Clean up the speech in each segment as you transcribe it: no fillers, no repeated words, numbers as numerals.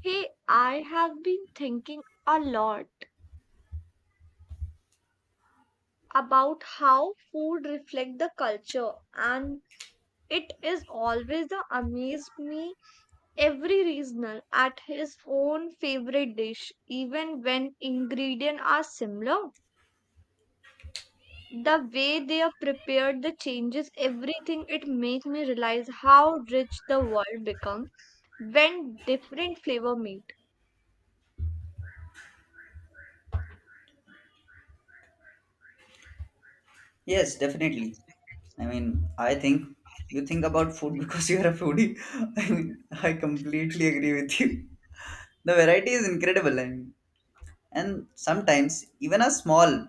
Hey, I have been thinking a lot about how food reflect the culture and it is always the amaze me every regional at his own favorite dish even when ingredients are similar the way they are prepared the changes everything it make me realize how rich the world becomes when different flavor meet. Yes, definitely. I mean, I think you think about food because you are a foodie. I mean, I completely agree with you. The variety is incredible, I mean, and sometimes even a small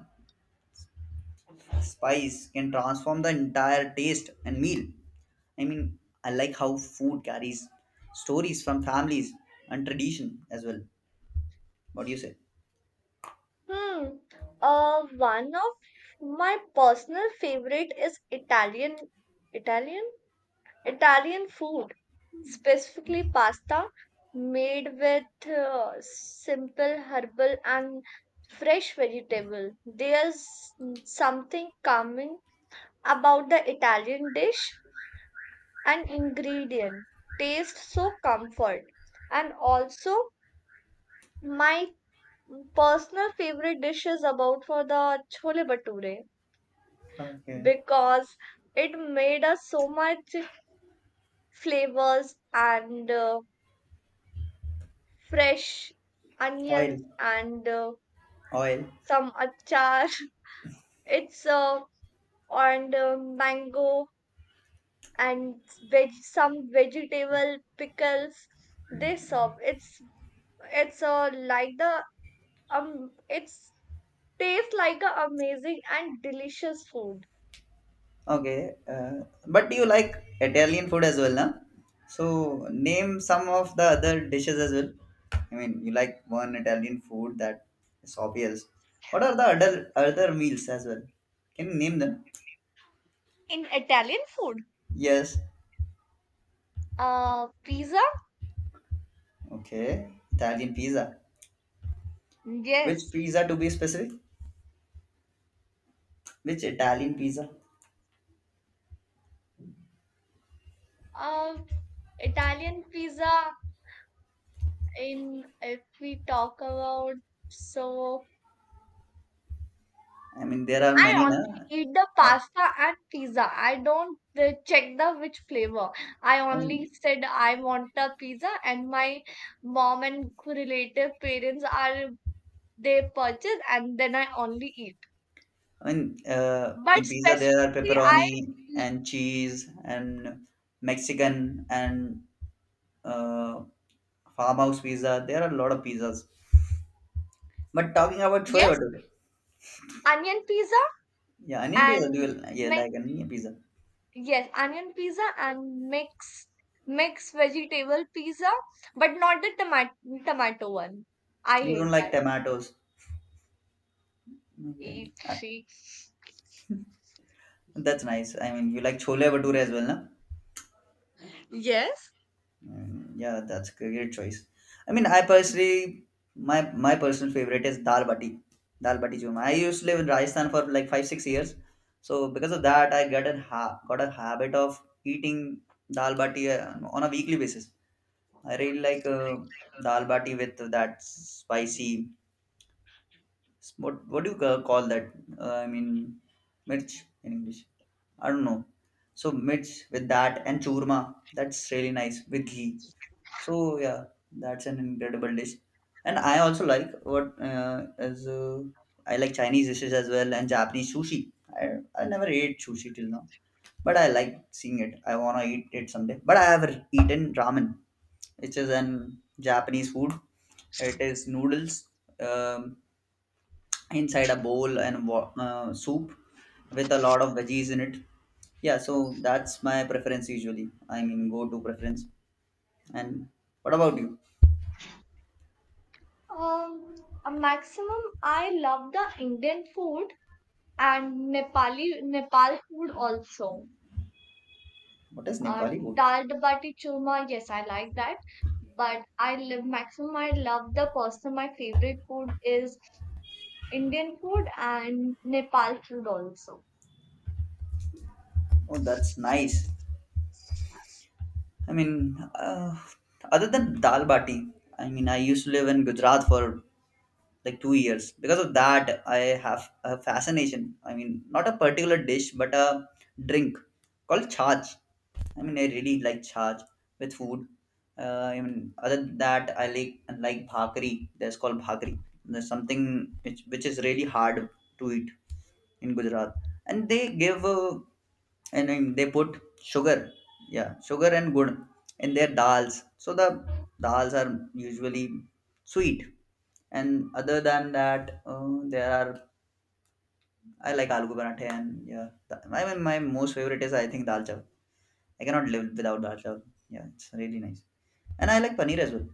spice can transform the entire taste and meal. I mean, I like how food carries stories from families and tradition as well. What do you say? Hmm. One of my personal favorite is Italian, Italian, Italian food, specifically pasta made with simple herbal and fresh vegetable. There's something calming about the Italian dish and ingredient. Taste so comfort. And also my personal favorite dish is about for the chole bhature Okay. because it made us so much flavors and fresh Oil. onions and Oil. some achar. It's and Mango and veg some vegetable pickles. This soup it's like the it's tastes like a amazing and delicious food. Okay, but you like Italian food as well, huh? So name some of the other dishes as well. I mean, you like one Italian food that is obvious. What are the other meals as well? Can you name them? In Italian food, Yes. Pizza. Okay, Italian pizza. Which Yes, pizza to be specific? Which Italian pizza? Uh, Italian pizza in if we talk about so I mean, there are I many, na? only eat the Right. pasta and pizza. I don't check the which flavor. I I only mean, said I want the pizza and my mom and relative parents are they purchase and then I only eat. I mean, But in pizza there are specifically I pepperoni and cheese and Mexican and uh, farmhouse pizza. There are a lot of pizzas. But talking about chole yes, bhature, onion pizza yeah, onion pizza. Do you, and yeah, like onion pizza? Yes, onion pizza and mixed vegetable pizza, but not the tomato one. I You don't hate like that. tomatoes. Okay, Eat ah, three. that's nice. I mean, you like chole bhature as well, no? Yes. Mm, yeah, that's a great choice. I mean, I personally, my personal favorite is dal bati churma. I used to live in Rajasthan for like 5-6 years, so because of that, I got a habit of eating dal bati on a weekly basis. I really like dal bati with that spicy. What do you call that? I mean, mirch in English. I don't know. So mirch with that and churma. That's really nice with ghee. So yeah, that's an incredible dish. And I also like what is I like Chinese dishes as well and Japanese sushi. I never ate sushi till now but I like seeing it. I wanna eat it someday. But I have eaten ramen, which is an Japanese food. It is noodles um, inside a bowl and soup with a lot of veggies in it. Yeah, so that's my preference usually. I mean, go-to preference. And what about you? Um, a maximum. I love the Indian food and Nepali Nepal food also. What is Uh, Nepali food? Dal dabati churma. Yes, I like that. But I love maximum. I love the personal. My favorite food is Indian food and Nepal food also. Oh, that's nice. I mean, other than dal bati, I mean, I used to live in Gujarat for like 2 years because of that I have a fascination, I mean not a particular dish but a drink called chaj. I mean, I really like chaj with food. I mean, other than that, I like bhakri. That's called bhakri. There's something which is really hard to eat in Gujarat, and they give uh, and then they put sugar, yeah, sugar and good in their dals. So the dals are usually sweet, and other than that, there are I like aloo ke parathe and yeah, I mean my most favorite is I think dal chawal. I cannot live without dal chawal. Yeah, it's really nice. And I like paneer as well.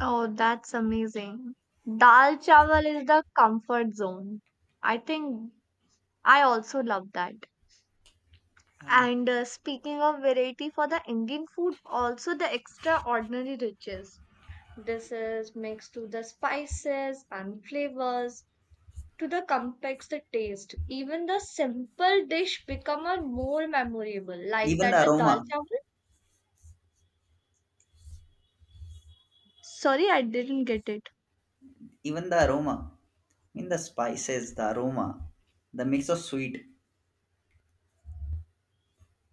Oh, that's amazing. Dal chawal is the comfort zone. I think I also love that. Yeah. And speaking of variety for the Indian food, also the extraordinary riches. This is mixed to the spices and flavors, to the complex the taste. Even the simple dish become a more memorable, like Even that the the dal aroma, chawal. Sorry, I didn't get it. even the aroma, I mean the spices, the aroma, the mix of sweet,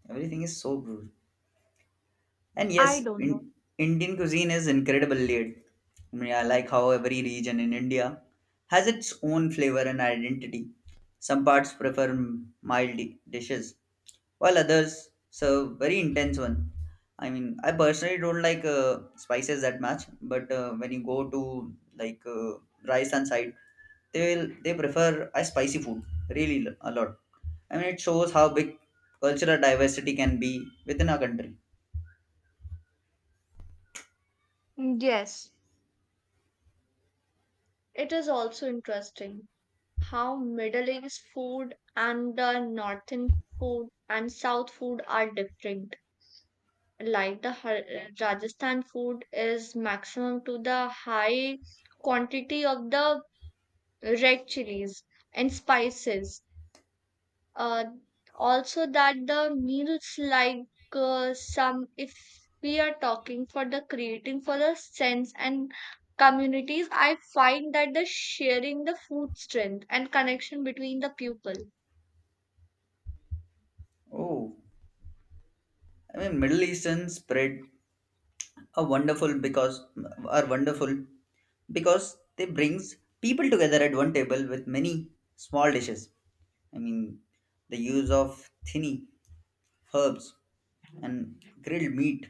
everything is so good. And I yes, don't know. Indian cuisine is incredibly layered. I mean, I like how every region in India has its own flavor and identity. Some parts prefer mild dishes, while others serve very intense one. I mean, I personally don't like spices that much, but when you go to like Rajasthan side, they prefer a spicy food really a lot. I mean, it shows how big cultural diversity can be within a country. Yes, it is also interesting, how Middle East food and the Northern food and South food are different. Like the Rajasthan food is maximum to the high quantity of the red chilies and spices. Uh, Also that the meals like some if we are talking for the creating for the sense and communities, I find that the sharing the food strength and connection between the people. Oh. I mean, Middle Eastern spread are wonderful because are wonderful because they brings people together at one table with many small dishes. I mean, the use of thinny herbs and grilled meat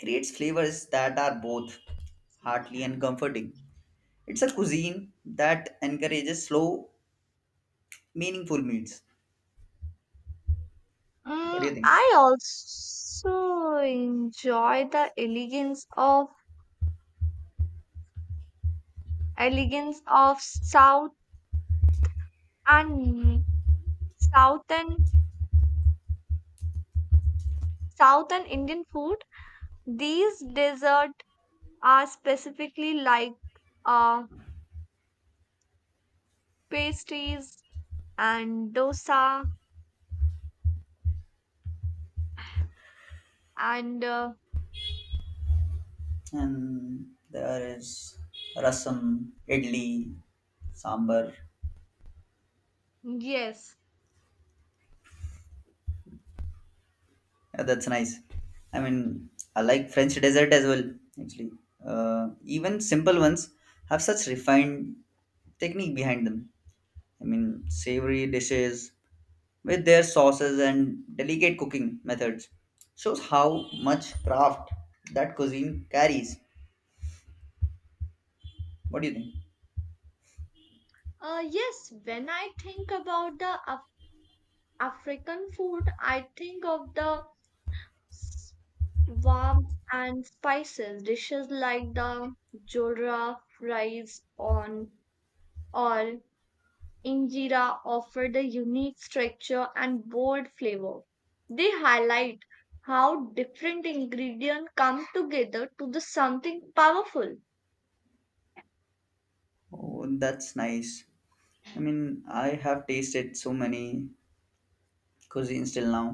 creates flavors that are both heartly and comforting. It's a cuisine that encourages slow, meaningful meals. What do Mm, you think? I also enjoy the elegance of South and Southern Southern Indian food. These desserts are specifically like uh, pastries and dosa and And there is rasam, idli, sambar. yes, Yeah, that's nice. I mean, I like French dessert as well, actually. Even simple ones have such refined technique behind them. I mean, savory dishes with their sauces and delicate cooking methods shows how much craft that cuisine carries. What do you think? Yes. When I think about the African food, I think of the warm and spices. Dishes like the jodra rice on or injera offer the unique structure and bold flavor. They highlight how different ingredients come together to the something powerful. Oh, that's nice. I mean, I have tasted so many cuisines till now,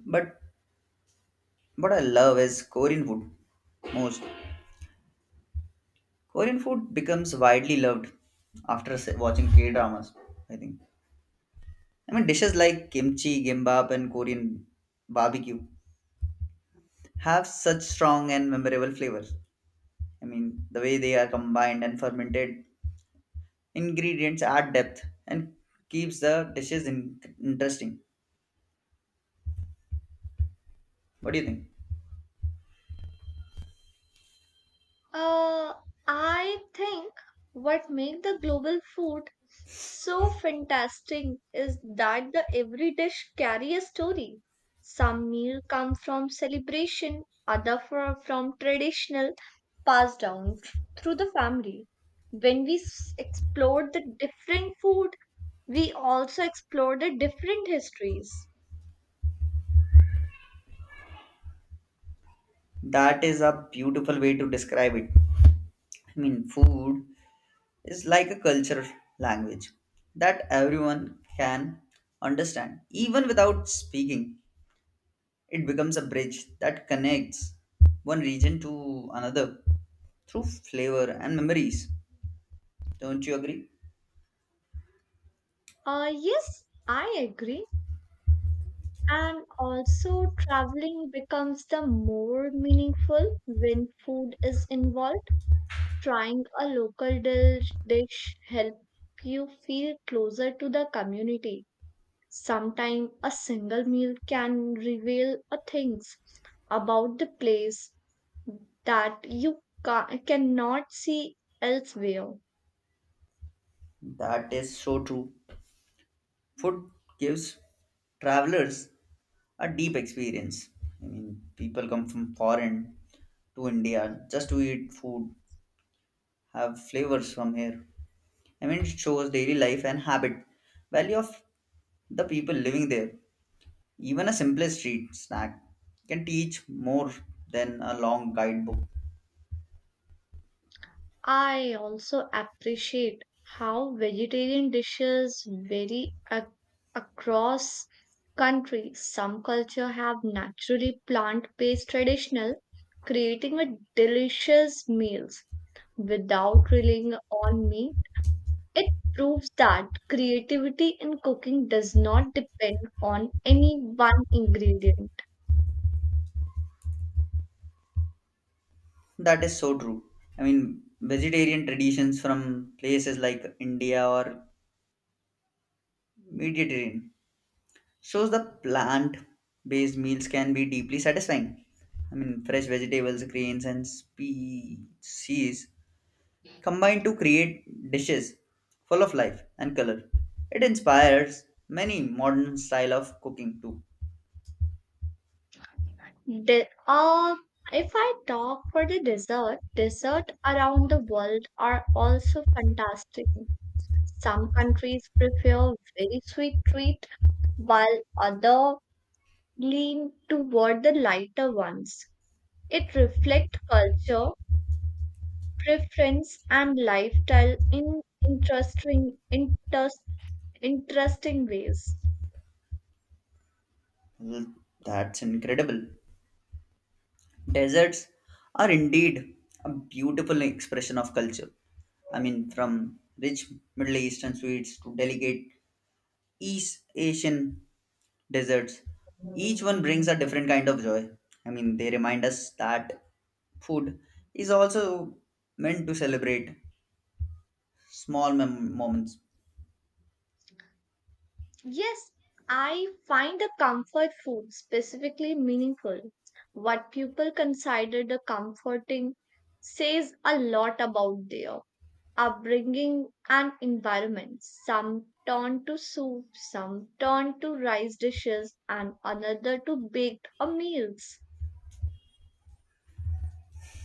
but what I love is Korean food most. Korean food becomes widely loved after watching K dramas, I think. I mean, dishes like kimchi, gimbap, and Korean barbecue have such strong and memorable flavors. I mean, the way they are combined and fermented ingredients add depth and keeps the dishes interesting. What do you think? Uh, I think what makes the global food so fantastic is that the every dish carry a story. Some meal come from celebration, other from traditional passed down through the family. When we explore the different food, we also explore the different histories. That is a beautiful way to describe it. I mean, food is like a culture language that everyone can understand, even without speaking. It becomes a bridge that connects one region to another through flavor and memories. Don't you agree? Yes, I agree. And also, traveling becomes the more meaningful when food is involved. Trying a local dish help you feel closer to the community. Sometimes a single meal can reveal a things about the place that you cannot see elsewhere. That is so true. Food gives travelers a deep experience. I mean, people come from foreign to India just to eat food, have flavors from here. I mean, it shows daily life and habit, value of the people living there. Even a simplest street snack can teach more than a long guidebook. I also appreciate how vegetarian dishes vary across countries. Some culture have naturally plant-based traditional, creating a delicious meals without relying on meat. It proves that creativity in cooking does not depend on any one ingredient. That is so true. I mean, vegetarian traditions from places like India or Mediterranean shows the plant-based meals can be deeply satisfying. I mean, fresh vegetables, grains, and species combine to create dishes full of life and color. It inspires many modern style of cooking too. De- uh, if I talk for the dessert, dessert around the world are also fantastic. Some countries prefer very sweet treat, while other lean toward the lighter ones. It reflects culture, preference, and lifestyle in interesting, interest, interesting ways. Well, that's incredible. Deserts are indeed a beautiful expression of culture. I mean, from rich Middle Eastern sweets to delicate East Asian desserts, each one brings a different kind of joy. I mean, they remind us that food is also meant to celebrate small moments. Yes, I find the comfort food specifically meaningful. What people consider the comforting says a lot about their upbringing and environment. Some turn to soup, some turn to rice dishes, and another to baked meals.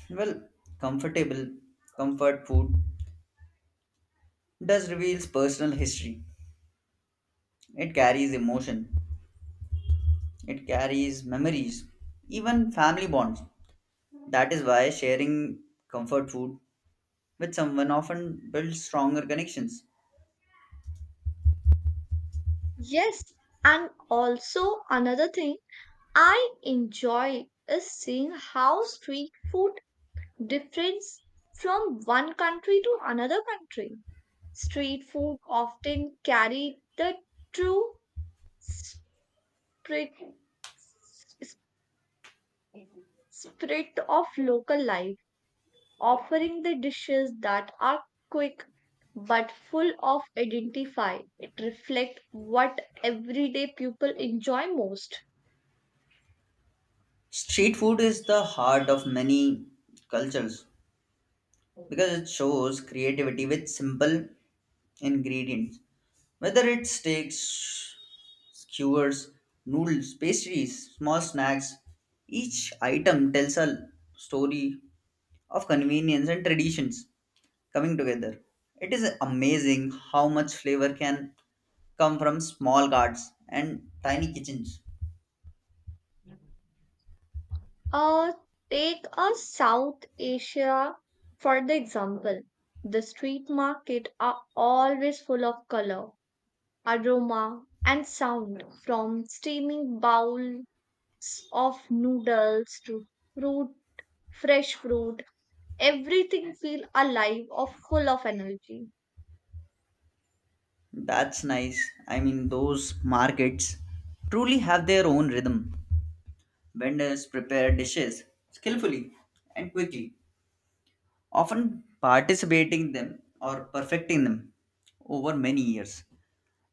Well, comfortable, comfort food does reveals personal history. It carries emotion. It carries memories, even family bonds. That is why sharing comfort food with someone often builds stronger connections. Yes, and also another thing I enjoy is seeing how street food difference from one country to another country. Street food often carry the true spirit, spirit of local life, offering the dishes that are quick but full of identify. It reflects what everyday people enjoy most. Street food is the heart of many cultures because it shows creativity with simple ingredients. Whether it's steaks, skewers, noodles, pastries, small snacks, each item tells a story of convenience and traditions coming together. It is amazing how much flavor can come from small carts and tiny kitchens. Uh, Take a South Asia for the example. The street market are always full of color, aroma, and sound from steaming bowls of noodles to fruit, fresh fruit. Everything feel alive or full of energy. That's nice. I mean, those markets truly have their own rhythm. Vendors prepare dishes skillfully and quickly, often participating them or perfecting them over many years.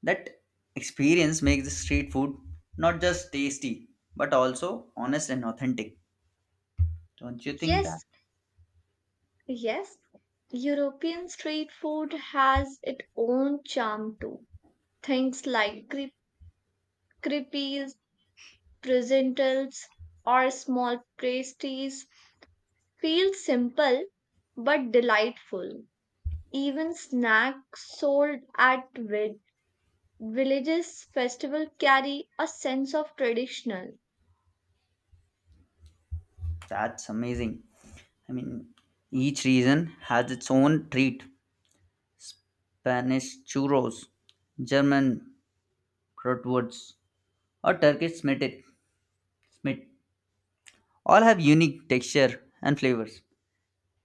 That experience makes the street food not just tasty but also honest and authentic. Don't you think that? Yes, yes. European street food has its own charm too. Things like crepe, pretzels, or small pastries feel simple but delightful. Even snacks sold at vid- villages festival carry a sense of traditional. That's amazing. I mean, each region has its own treat Spanish churros, German bratwurst, or Turkish smit, all have unique texture and flavors.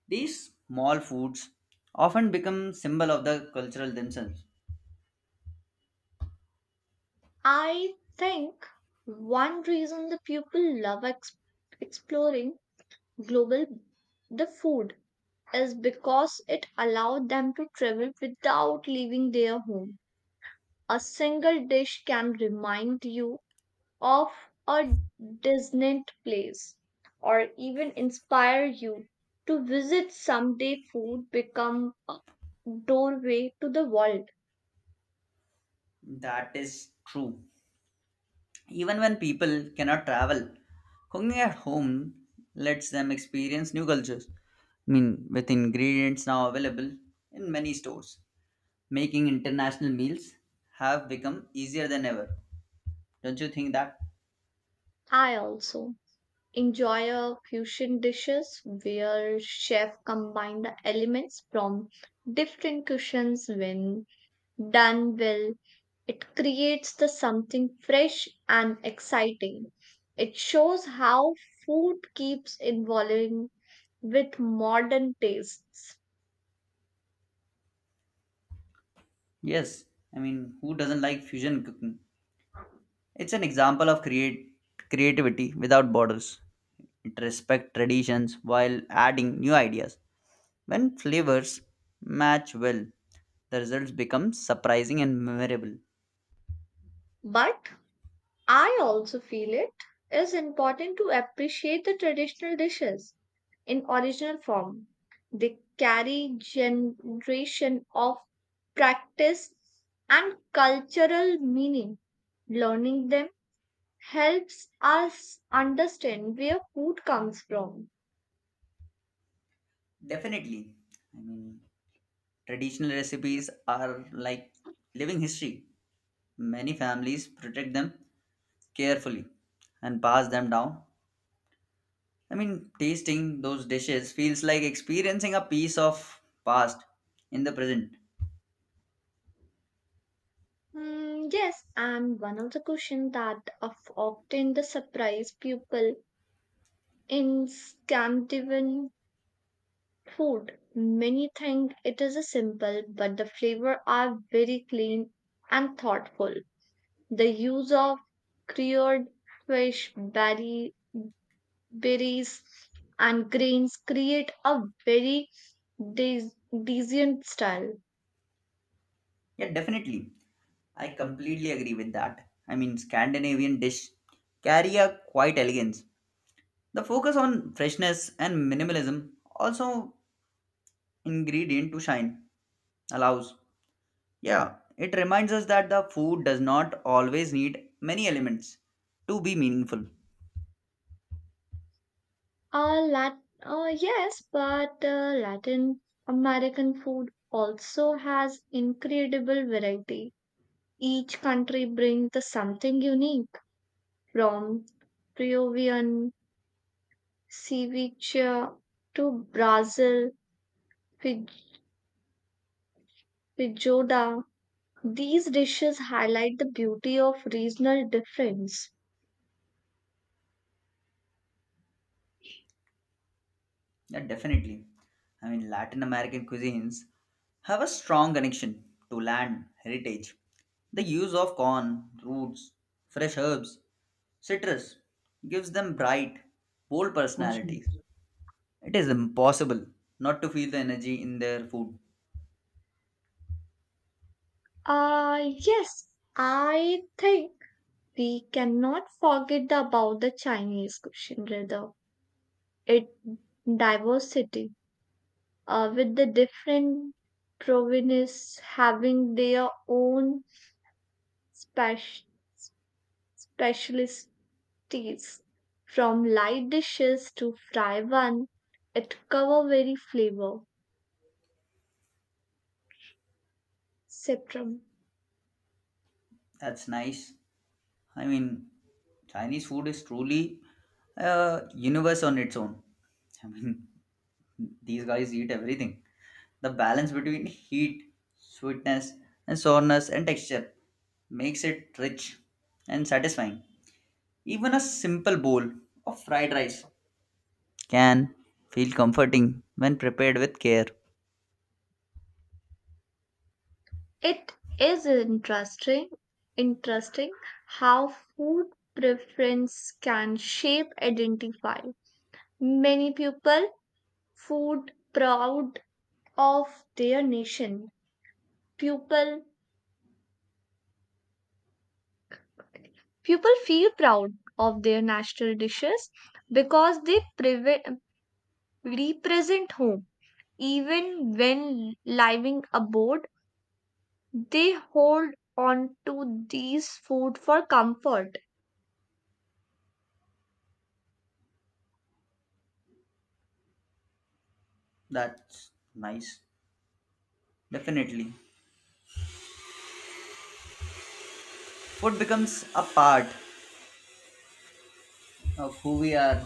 These small foods often become symbol of the cultural themselves. I think one reason the people love exploring global the food is because it allowed them to travel without leaving their home. A single dish can remind you of a distant place or even inspire you to visit someday food become a doorway to the world. That is true. Even when people cannot travel, cooking at home lets them experience new cultures. I mean, with ingredients now available in many stores, making international meals have become easier than ever. Don't you think that? I also enjoy a fusion dishes where chef combine the elements from different cuisines when done well it creates the something fresh and exciting it shows how food keeps evolving with modern tastes. Yes, I mean, who doesn't like fusion cooking? It's an example of create creativity without borders. It respects traditions while adding new ideas. When flavors match well, the results become surprising and memorable. But I also feel it is important to appreciate the traditional dishes in original form. They carry generation of practice and cultural meaning. Learning them helps us understand where food comes from. Definitely. I mean, traditional recipes are like living history. Many families protect them carefully and pass them down. I mean, tasting those dishes feels like experiencing a piece of past in the present. Hmm, yes, and one of the questions that of often the surprise people in Scandinavian food. Many think it is a simple, but the flavor are very clean and thoughtful. The use of cured fish, berries, and grains create a very de- decent style. Yeah, definitely. I completely agree with that. I mean, Scandinavian dish carry a quite elegance. The focus on freshness and minimalism also ingredient to shine allows. Yeah, it reminds us that the food does not always need many elements to be meaningful. Yes, but Latin American food also has incredible variety. Each country brings the something unique from Peruvian ceviche to Brazil fij- feijoada. These dishes highlight the beauty of regional difference. Yeah, definitely. I mean, Latin American cuisines have a strong connection to land heritage. The use of corn, roots, fresh herbs, citrus gives them bright, bold Awesome. personalities. It is impossible not to feel the energy in their food. Yes, I think we cannot forget about the Chinese cuisine rather. It diversity with the different provinces having their own special tastes, from light dishes to fry one, it cover very flavor spectrum. That's nice. I mean, Chinese food is truly a universe on its own. I mean, these guys eat everything. The balance between heat, sweetness, and sourness and texture makes it rich and satisfying. Even a simple bowl of fried rice can feel comforting when prepared with care. It is interesting how food preference can shape identify. Many people food proud of their nation. People People feel proud of their national dishes because they represent home. Even when living abroad, they hold on to these food for comfort. That's nice. Definitely. Food becomes a part of who we are.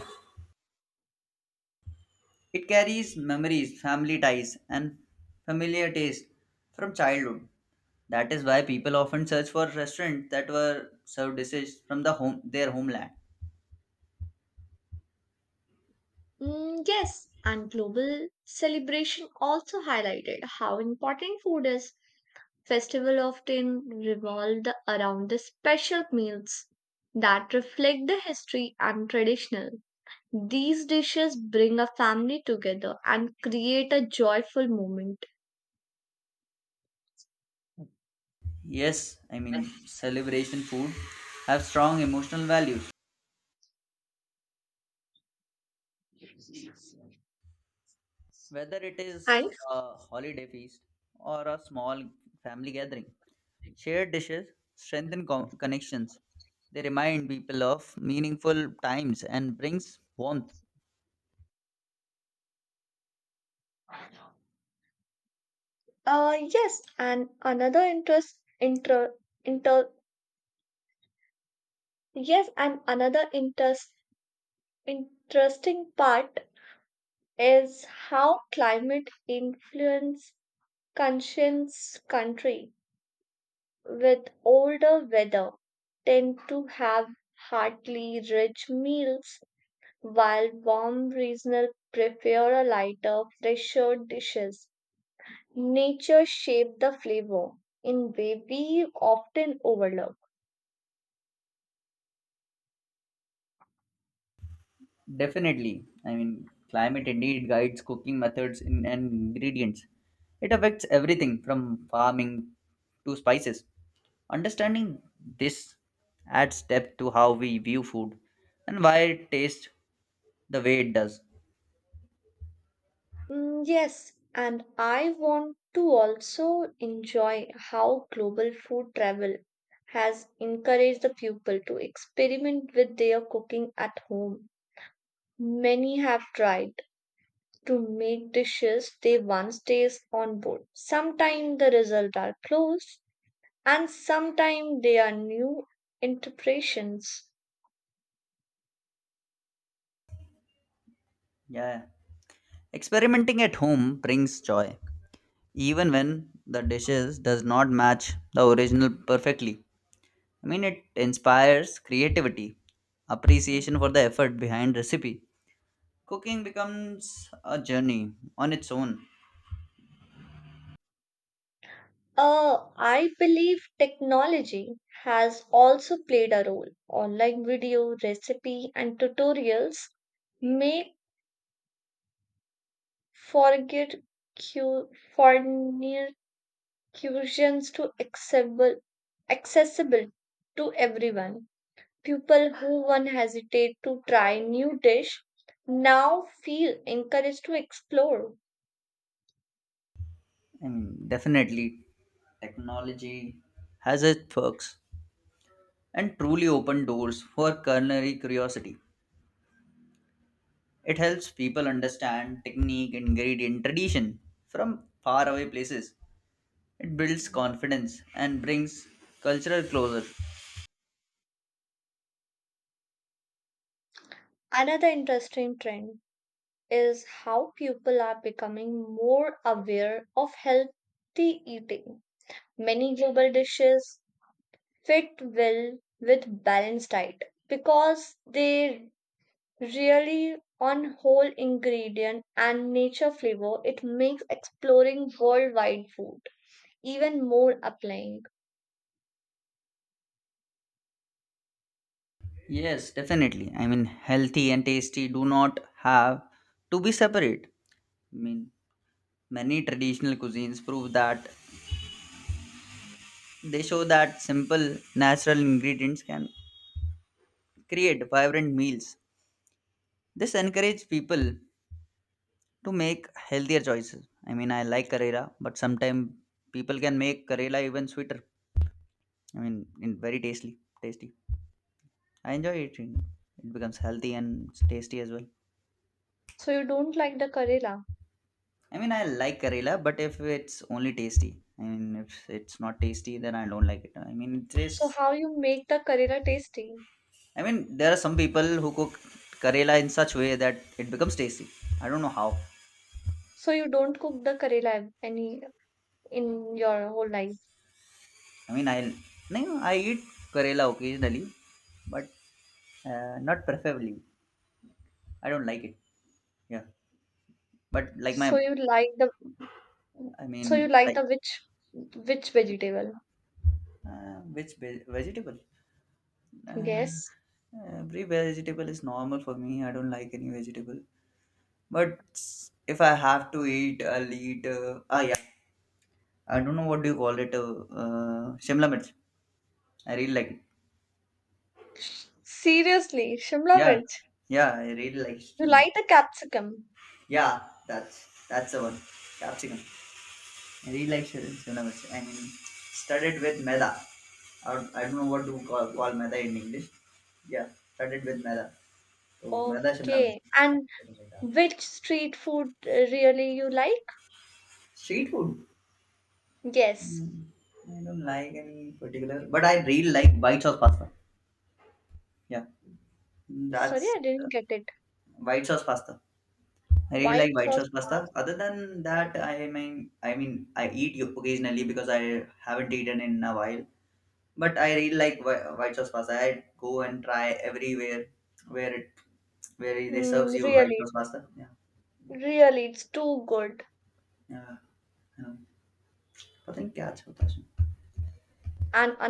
It carries memories, family ties, and familiar taste from childhood. That is why people often search for restaurants that were served dishes from the home, their homeland. Mm, yes, and global celebration also highlighted how important food is. Festival often revolved around the special meals that reflect the history and traditional. These dishes bring a family together and create a joyful moment. Yes, I mean, celebration food have strong emotional values, whether it is a holiday feast or a small family gathering. Shared dishes strengthen connections. They remind people of meaningful times and brings warmth. Uh, yes, and another interest inter, inter yes, and another interest interesting part is how climate influence conscience country with older weather tend to have heartily rich meals while warm regional prefer a lighter, fresher dishes. Nature shape the flavor in way we often overlook. Definitely. I mean, climate indeed guides cooking methods and ingredients. It affects everything from farming to spices. Understanding this adds depth to how we view food and why it tastes the way it does. Mm, yes, and I want to also enjoy how global food travel has encouraged the people to experiment with their cooking at home. Many have tried to make dishes they once tasted on board. Sometimes the results are close, and sometimes they are new interpretations. Yeah. Experimenting at home brings joy, even when the dishes does not match the original perfectly. I mean, it inspires creativity, appreciation for the effort behind recipe. Cooking becomes a journey on its own. I believe technology has also played a role. Online video, recipe, and tutorials make forget cu- fornications to accessible to everyone. People who once hesitate to try new dish now feel encouraged to explore. And definitely, technology has its perks and truly open doors for culinary curiosity. It helps people understand technique, ingredient, tradition from faraway places. It builds confidence and brings cultural closure. Another interesting trend is how people are becoming more aware of healthy eating. Many global dishes fit well with balanced diet because they really on whole ingredient and nature flavor it makes exploring worldwide food even more appealing. Yes, definitely. I mean, healthy and tasty do not have to be separate. I mean, many traditional cuisines prove that. They show that simple natural ingredients can create vibrant meals. This encourages people to make healthier choices. I mean, I like Karela, but sometimes people can make Karela even sweeter. I mean, in very tasty, tasty. I enjoy eating. It becomes healthy and tasty as well. So you don't like the karela. I mean, I like Karela, but if it's only tasty, I mean, if it's not tasty, then I don't like it. I mean, it So is. how you make the karela tasty? I mean, there are some people who cook Karela in such way that it becomes tasty. I don't know how. So you don't cook the karela any in your whole life. I mean, I'll no, I eat Karela occasionally, but not preferably. I don't like it. Yeah, but like So you like the I So you mean, like like the which vegetable? Which vegetable? Uh, Yes. every vegetable is normal for me. I don't like any vegetable. But if I have to eat, I'll eat. Ah, yeah. I don't know what do you call it. Shimla mirch. I really like it. Seriously, Shimla Yeah, mirch. yeah. I really like You Shimla. like the capsicum. Yeah, that's the one. Capsicum. Relaxation universe. I mean, started with Meda. Or I don't know what to call Meda in English. Yeah, started with Meda. So Meda Shimla Okay. Mirch, And something like that. which street food really you like? Street food. Yes. Mm, I don't like any particular, but I really like white sauce pasta. Yeah, Sorry, that's I uh, didn't get it. white sauce pasta. I really White like white sauce. sauce pasta. Other than that, I mean, I eat occasionally because I haven't eaten in a while. But I really like white sauce pasta. I go and try everywhere where it where they serves Mm, you white really, sauce pasta. Yeah, really, it's too good. yeah. I know. पता नहीं क्या अच्छा होता है And another